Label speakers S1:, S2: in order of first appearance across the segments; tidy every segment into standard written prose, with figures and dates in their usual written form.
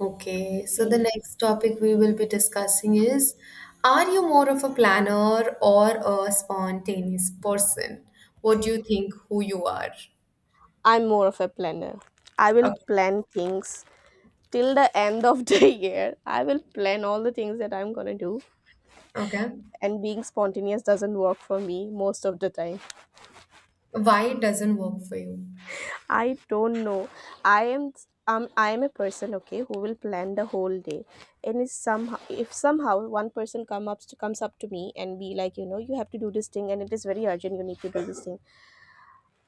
S1: Okay, so the
S2: Okay.
S1: next topic we will be discussing is, are you more of a planner or a spontaneous person? What do you think who you are?
S2: I'm more of a planner. I will
S1: Okay.
S2: plan things till the end of the year. I will plan all the things that I'm gonna do.
S1: Okay.
S2: And being spontaneous doesn't work for me most of the time.
S1: Why it doesn't work for you?
S2: I don't know. I am I am a person, okay, who will plan the whole day. And if somehow one person comes up to me and be like, you know, you have to do this thing and it is very urgent, you need to do this thing.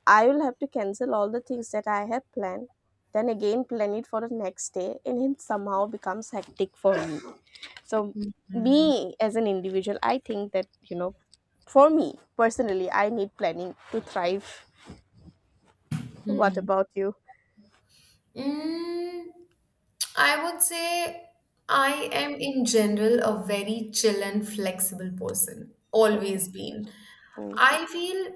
S2: I will have to cancel all the things that I have planned, then again plan it for the next day, and it somehow becomes hectic for me. So, me as an individual, I think that, you know, for me personally, I need planning to thrive. What
S1: Hmm.
S2: about you?
S1: Mm, I would say I am in general a very chill and flexible person,
S2: Okay.
S1: always been.
S2: Mm,
S1: I feel,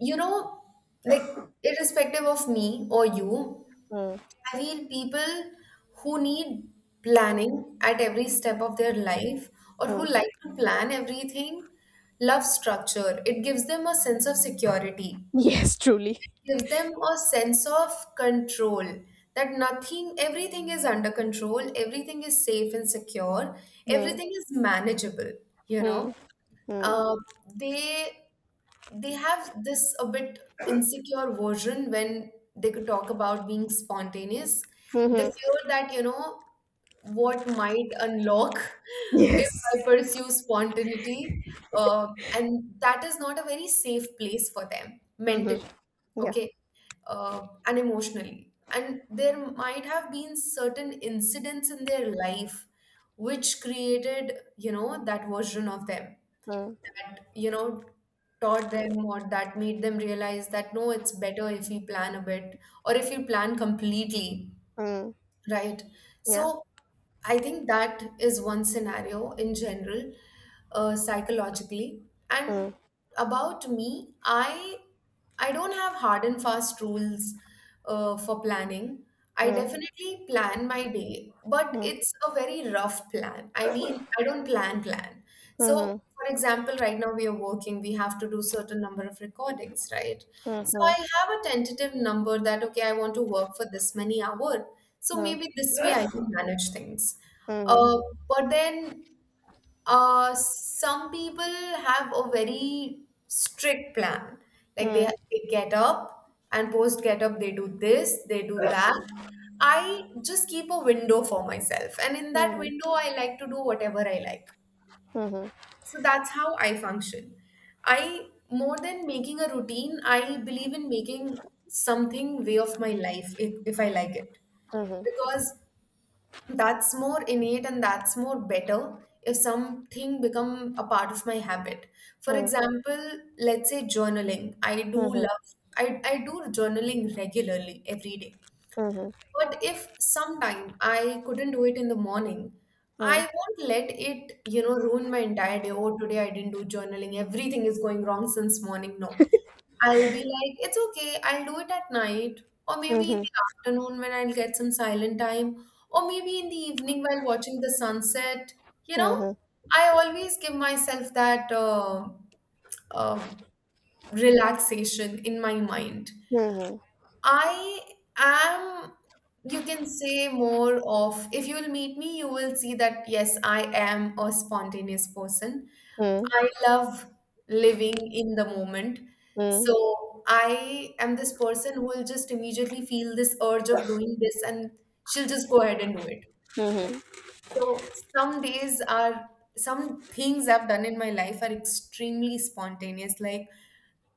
S1: you know, like irrespective of me or you,
S2: mm,
S1: I feel people who need planning at every step of their life or who
S2: mm.
S1: like to plan everything love structure. It gives them a sense of security,
S2: Yes, truly.
S1: gives them a sense of control that nothing, everything is under control, everything is safe and secure,
S2: Mm,
S1: everything is manageable, you know,
S2: mm, mm.
S1: uh, they they have this a bit insecure version when they could talk about being spontaneous. They
S2: Hmm.
S1: fear that, you know, what might unlock if I
S2: Yes.
S1: pursue spontaneity. Uh, and that is not a very safe place for them
S2: Hmm.
S1: mentally,
S2: Yeah.
S1: okay, and emotionally. And there might have been certain incidents in their life which created, you know, that version of them,
S2: Mm,
S1: that you know, taught them or that made them realize that no, it's better if we plan a bit or if you plan completely.
S2: mm,
S1: Right.
S2: yeah.
S1: So I think that is one scenario in general, psychologically. And
S2: Mm,
S1: about me, I don't have hard and fast rules for planning. I
S2: mm,
S1: definitely plan my day, but
S2: mm,
S1: it's a very rough plan. I mean, I don't plan plan. So,
S2: mm-hmm,
S1: for example, right now we are working, we have to do certain number of recordings, right?
S2: mm-hmm,
S1: So
S2: mm-hmm.
S1: I have a tentative number that okay, I want to work for this many hour. So maybe this way I can manage things.
S2: Mm-hmm.
S1: Uh, but then some people have a very strict plan. Like they,
S2: Mhm,
S1: they get up and post get up, they do this, they do that. I just keep a window for myself. And in that
S2: mhm,
S1: window, I like to do whatever I like.
S2: mhm,
S1: So that's how I function. I, more than making a routine, I believe in making something way of my life if I like it,
S2: mhm,
S1: because that's more innate and that's more better if something become a part of my habit. For
S2: mhm,
S1: example, let's say journaling,
S2: mhm,
S1: I do journaling regularly every day,
S2: mhm, mhm,
S1: but if sometime I couldn't do it in the morning, I
S2: mhm,
S1: won't let it, you know, ruin my entire day. Oh, today I didn't do journaling, everything is going wrong since morning. No, I'll be like, it's okay, I'll do it at night, or maybe in
S2: mhm,
S1: the afternoon when I'll get some silent time, or maybe in the evening while watching the sunset. You know, I always give myself that uh, relaxation in my mind.
S2: mhm, mhm,
S1: I am, you can say, more of, if you'll meet me, you will see that, yes, I am a spontaneous person. I love living in the moment.
S2: mhm,
S1: So I am this person who will just immediately feel this urge of doing this and she'll just go ahead and do it. Yeah.
S2: mhm.
S1: So some days are, some things I've done in my life are extremely spontaneous. Like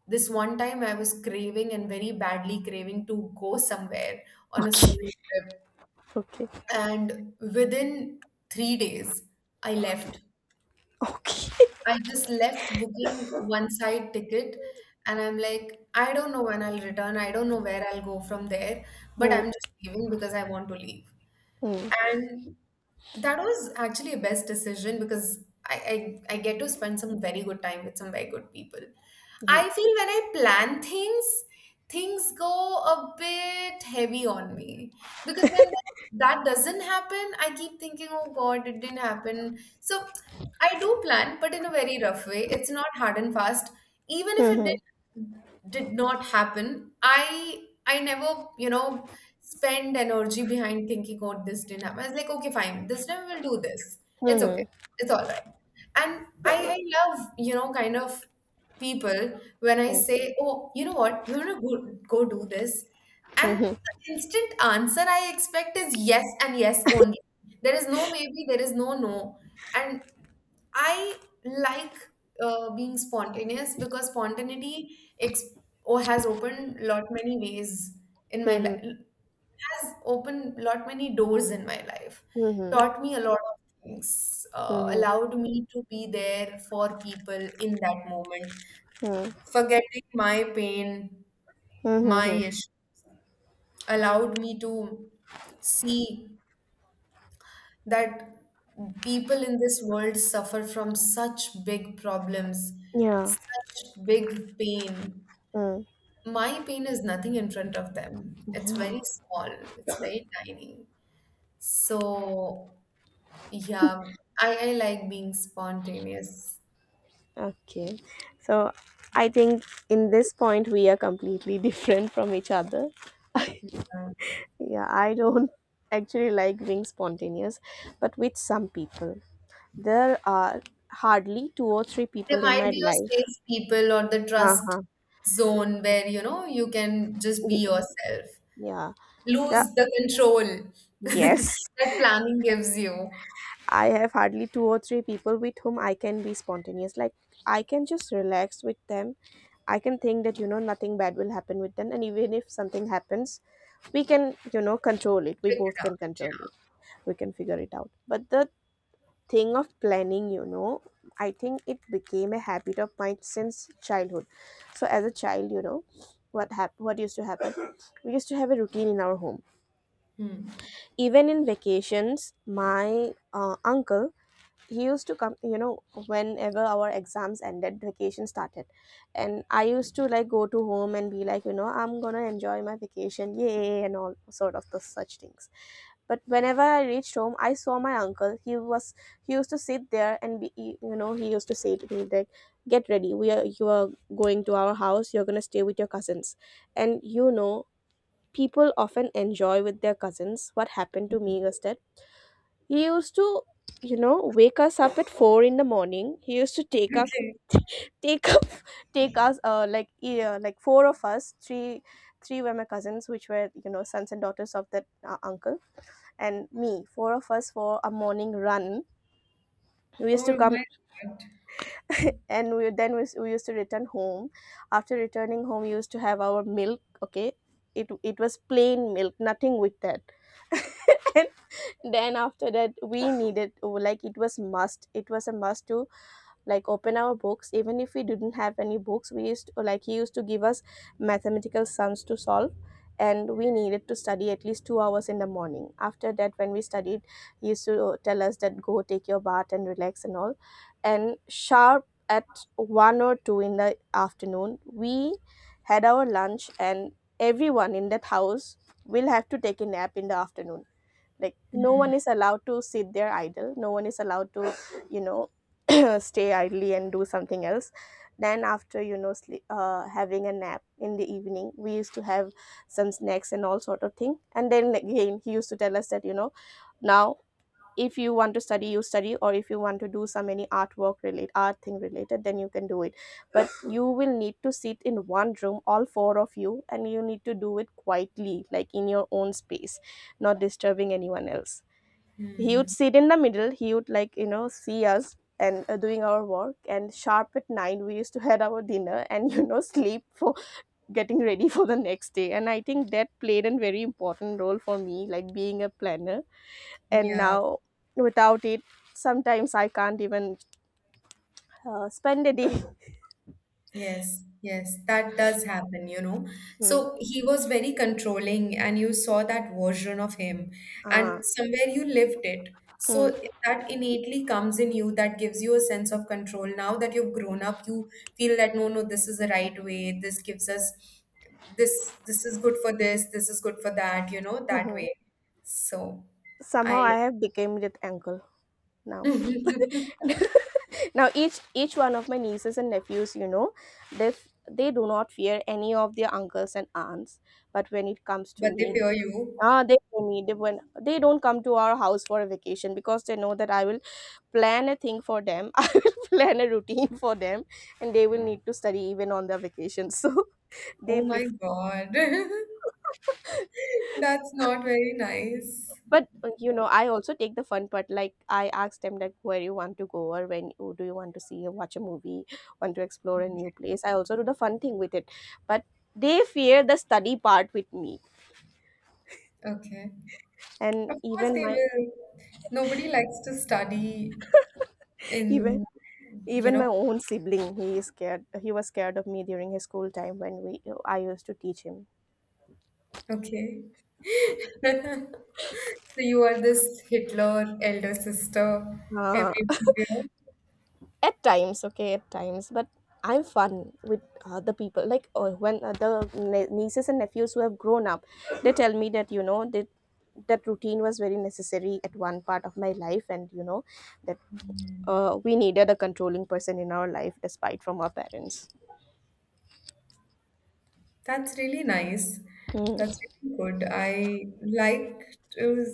S1: this one time I was craving and very badly craving to go somewhere on a solo trip.
S2: Okay.
S1: And within 3 days, I left.
S2: Okay.
S1: I just left booking one side ticket and I'm like, I don't know when I'll return. I don't know where I'll go from there, but
S2: Hmm.
S1: I'm just leaving because I want to leave.
S2: Hmm.
S1: And that was actually a best decision because I get to spend some very good time with some very good people.
S2: Mhm,
S1: I feel when I plan things, things go a bit heavy on me because when that doesn't happen, I keep thinking, oh God, it didn't happen. So I do plan, but in a very rough way. It's not hard and fast. Even if it
S2: mhm,
S1: did not happen, I never, you know, spend energy behind thinking, oh, this didn't happen. I was like, okay, fine, this time we'll do this. It's okay.
S2: mhm.
S1: It's all right. And I love, you know, kind of people when I
S2: Hmm.
S1: say, oh, you know what, you want to go, go do this? And
S2: Mhm,
S1: the instant answer I expect is yes and yes only. There is no maybe, there is no no. And I like being spontaneous because spontaneity ex- or has opened lot many ways in my
S2: mhm,
S1: life, has opened lot many doors in my life,
S2: mhm, mhm.
S1: taught me a lot of things,
S2: Hmm.
S1: allowed me to be there for people in that moment,
S2: Mhm.
S1: forgetting my pain, my
S2: Hmm.
S1: issue, allowed me to see that people in this world suffer from such big problems,
S2: Yeah.
S1: such big pain.
S2: Hmm.
S1: My pain is nothing in front of them. It's
S2: Yeah.
S1: very small, it's very tiny. So yeah, I like being spontaneous.
S2: Okay. So I think in this point we are completely different from each other.
S1: Um,
S2: Yeah, I don't actually like being spontaneous, but with some people. There are hardly two or three
S1: there
S2: people in
S1: might
S2: my
S1: be your
S2: life.
S1: safe people or the trust
S2: Uh-huh.
S1: zone where, you know, you can just be
S2: Be-
S1: yourself.
S2: Yeah. Yeah.
S1: Lose the control
S2: Yes.
S1: that planning gives you.
S2: I have hardly two or three people with whom I can be spontaneous. Like I can just relax with them. I can think that, you know, nothing bad will happen with them. And even if something happens, we can, you know, control it. We
S1: Pick
S2: both
S1: it up.
S2: can control it. We can figure it out. But the thing of planning, you know, I think it became a habit of mine since childhood. So as a child, you know, what used to happen, we used to have a routine in our home.
S1: Yeah. Hmm.
S2: Even in vacations, my uncle, he used to come, you know, whenever our exams ended, vacation started. And I used to like go to home and be like, you know, I'm gonna enjoy my vacation, yay, and all sort of those such things. But whenever I reached home, I saw my uncle. He was, he used to sit there and be you know, he used to say to me like, "Get ready. We are You are going to our house. You're gonna stay with your cousins." And, you know, people often enjoy with their cousins. What happened to me was that he used to, you know, wake us up at 4 in the morning. He used to
S1: Okay.
S2: take up take us like four of us, three were my cousins, which were, you know, sons and daughters of that uncle, and me, four of us, for a morning run. We
S1: Oh
S2: used to come
S1: my God.
S2: and we used to return home. After returning home, we used to have our milk. Okay, it was plain milk, nothing with that. And then after that, we needed, It was a must to like open our books. Even if we didn't have any books, we used to, like, he used to give us mathematical sums to solve, and we needed to study at least 2 hours in the morning. After that, when we studied, he used to tell us that go take your bath and relax and all. And sharp at 1 or 2 in the afternoon, we had our lunch. And everyone in that house will have to take a nap in the afternoon. Like, no one is allowed to sit there idle, no one is allowed to, you know, stay idly and do something else. Then after, you know, sleep, having a nap in the evening, we used to have some snacks and all sort of thing. And then again he used to tell us that, you know, now if you want to study you study, or if you want to do some any artwork related, art thing related, then you can do it. But you will need to sit in one room, all four of you, and you need to do it quietly, like in your own space, not disturbing anyone else. He would
S1: Hmm.
S2: sit in the middle, he would, like, you know, see us and doing our work. And sharp at 9, we used to had our dinner, and, you know, sleep for getting ready for the next day. And I think that played a very important role for me, like being a planner. And
S1: Yeah.
S2: now without it, sometimes I can't even spend a day.
S1: Yes, yes, that does happen, you know.
S2: Mm.
S1: So he was very controlling, and you saw that version of him,
S2: Ah.
S1: and somewhere you lived it. So
S2: Mm.
S1: that innately comes in you, that gives you a sense of control. Now that you've grown up, you feel that no, no, this is the right way. This gives us this, this is good for this, this is good for that, you know, that
S2: Hmm.
S1: way. So
S2: Somehow
S1: I,
S2: I have become that uncle now.
S1: but
S2: Now each one of my nieces and nephews, you know, they do not fear any of their uncles and aunts, but when it comes to
S1: they
S2: me,
S1: fear you.
S2: ah, they fear me. They, when they don't come to our house for a vacation, because they know that I will plan a thing for them. I will plan a routine for them, and they will need to study even on their vacation. So they
S1: Oh my
S2: prefer.
S1: God. That's not very nice.
S2: But you know, I also take the fun part, like I ask them like where you want to go, or when, oh, do you want to see or watch a movie, want to explore a new place. I also do the fun thing with it, but they fear the study part with me.
S1: Okay.
S2: And
S1: Of course
S2: even
S1: they
S2: my
S1: will. Nobody likes to study
S2: even
S1: in, you
S2: even
S1: know,
S2: my own sibling, he is scared, he was scared of me during his school time when we I used to teach him.
S1: okay. So you are this Hitler elder sister
S2: Uh,
S1: everywhere.
S2: at times, okay, at times, but I'm fun with other people. Like when other nieces and nephews who have grown up, they tell me that, you know, that that routine was very necessary at one part of my life. And, you know, that
S1: Mm.
S2: we needed a controlling person in our life despite from our parents.
S1: That's really nice. That's really good. I like to,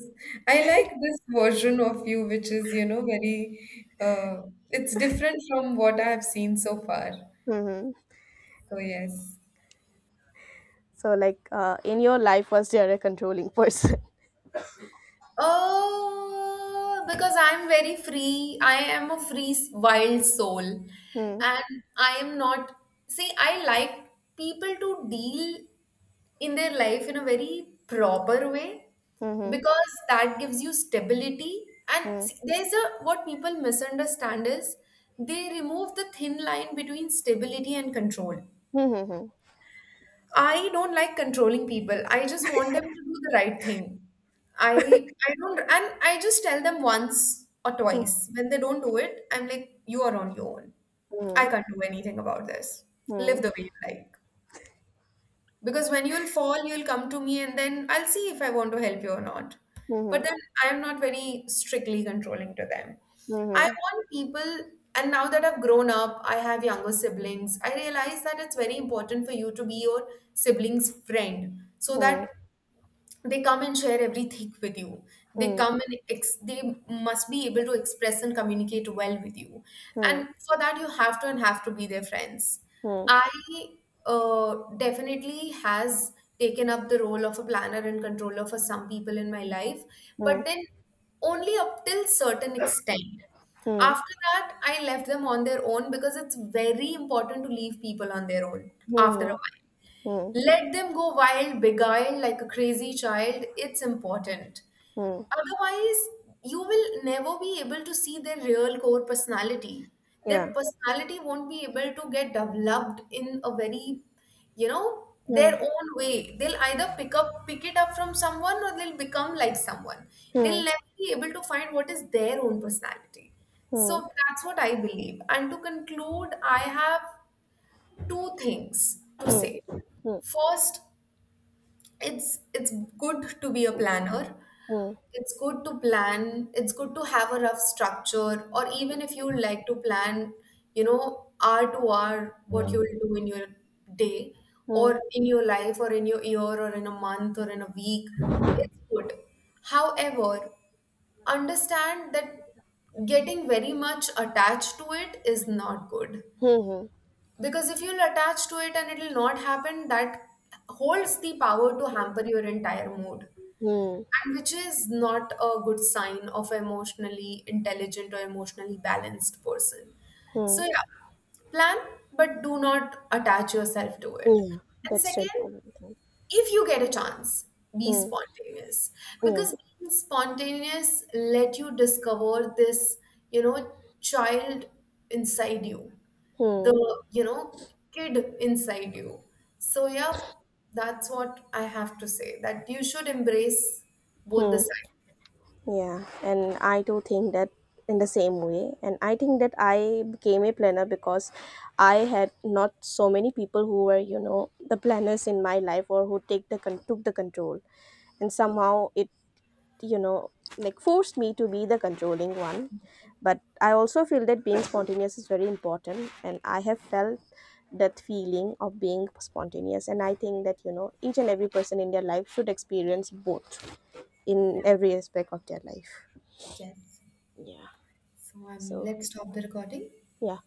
S1: I like this version of you, which is, you know, very, it's different from what I have seen so far.
S2: Mm-hmm.
S1: So yes.
S2: So, like, in your life, was there a controlling person?
S1: Oh, because I'm very free. I am a free, s- wild soul.
S2: Hmm.
S1: And I am not, see, I like people to deal in their life in a very proper way
S2: Hmm.
S1: because that gives you stability. And
S2: Hmm.
S1: see, there's a, what people misunderstand is they remove the thin line between stability and control.
S2: Hmm.
S1: I don't like controlling people. I just want them to do the right thing. I don't, and I just tell them once or
S2: Hmm.
S1: twice. When they don't do it, I'm like, you are on your own. I
S2: Hmm.
S1: can't do anything about this. Live
S2: Hmm.
S1: the way you like. Because when you'll fall, you'll come to me and then I'll see if I want to help you or not.
S2: Hmm.
S1: But
S2: Hmm.
S1: then I'm not very strictly controlling to them. I
S2: Hmm.
S1: want people, and now that I've grown up, I have younger siblings, I realize that it's very important for you to be your sibling's friend so
S2: Hmm.
S1: that they come and share everything with you, they
S2: Hmm.
S1: come and they must be able to express and communicate well with you,
S2: Hmm.
S1: and for that you have to, and have to be their friends.
S2: Hmm.
S1: I definitely has taken up the role of a planner and controller for some people in my life, but
S2: Hmm.
S1: then only up till certain extent.
S2: Hmm.
S1: After that I left them on their own because it's very important to leave people on their own after
S2: Hmm.
S1: a while.
S2: Hmm.
S1: Let them go wild, beguiled like a crazy child. It's important.
S2: Hmm.
S1: Otherwise, you will never be able to see their real core personality. Their
S2: Yeah.
S1: personality won't be able to get developed in a very, you know, their
S2: Hmm.
S1: own way. They'll either pick up, pick it up from someone, or they'll become like someone.
S2: Hmm.
S1: They'll never be able to find what is their own personality.
S2: Hmm.
S1: So that's what I believe. And to conclude, I have two things to say.
S2: Hmm.
S1: First, it's good to be a planner,
S2: Hmm.
S1: it's good to plan, it's good to have a rough structure, or even if you like to plan, you know, hour to hour,
S2: Yeah.
S1: what you
S2: Hmm.
S1: will do in your day
S2: Hmm. Hmm.
S1: or in your life or in your year or in a month or in a week, it's good. However, understand that getting very much attached to it is not good, because if you'll attach to it and it'll not happen, that holds the power to hamper your entire mood, and which is not a good sign of an emotionally intelligent or emotionally balanced person.
S2: Hmm.
S1: So yeah, plan, but do not attach yourself to it.
S2: Yeah,
S1: And
S2: that's the
S1: second,
S2: important thing.
S1: if you get a chance, be
S2: Hmm.
S1: spontaneous, because
S2: Yeah.
S1: being spontaneous let you discover this, you know, child inside you, the,
S2: Hmm.
S1: you know, kid inside you. So yeah, that's what I have to say, that you should embrace both the
S2: Hmm.
S1: sides.
S2: Yeah. And I do think that in the same way. And I think that I became a planner because I had not so many people who were, you know, the planners in my life, or who take the took the control. And
S1: Okay.
S2: somehow it, you know, like forced me to be the controlling one. But I also feel that being spontaneous is very important, and I have felt that feeling of being spontaneous. And I think that, you know, each and every person in their life should experience both
S1: Yeah.
S2: in every aspect of their life.
S1: Yes.
S2: Yeah.
S1: So
S2: So
S1: let's stop the recording.
S2: yeah.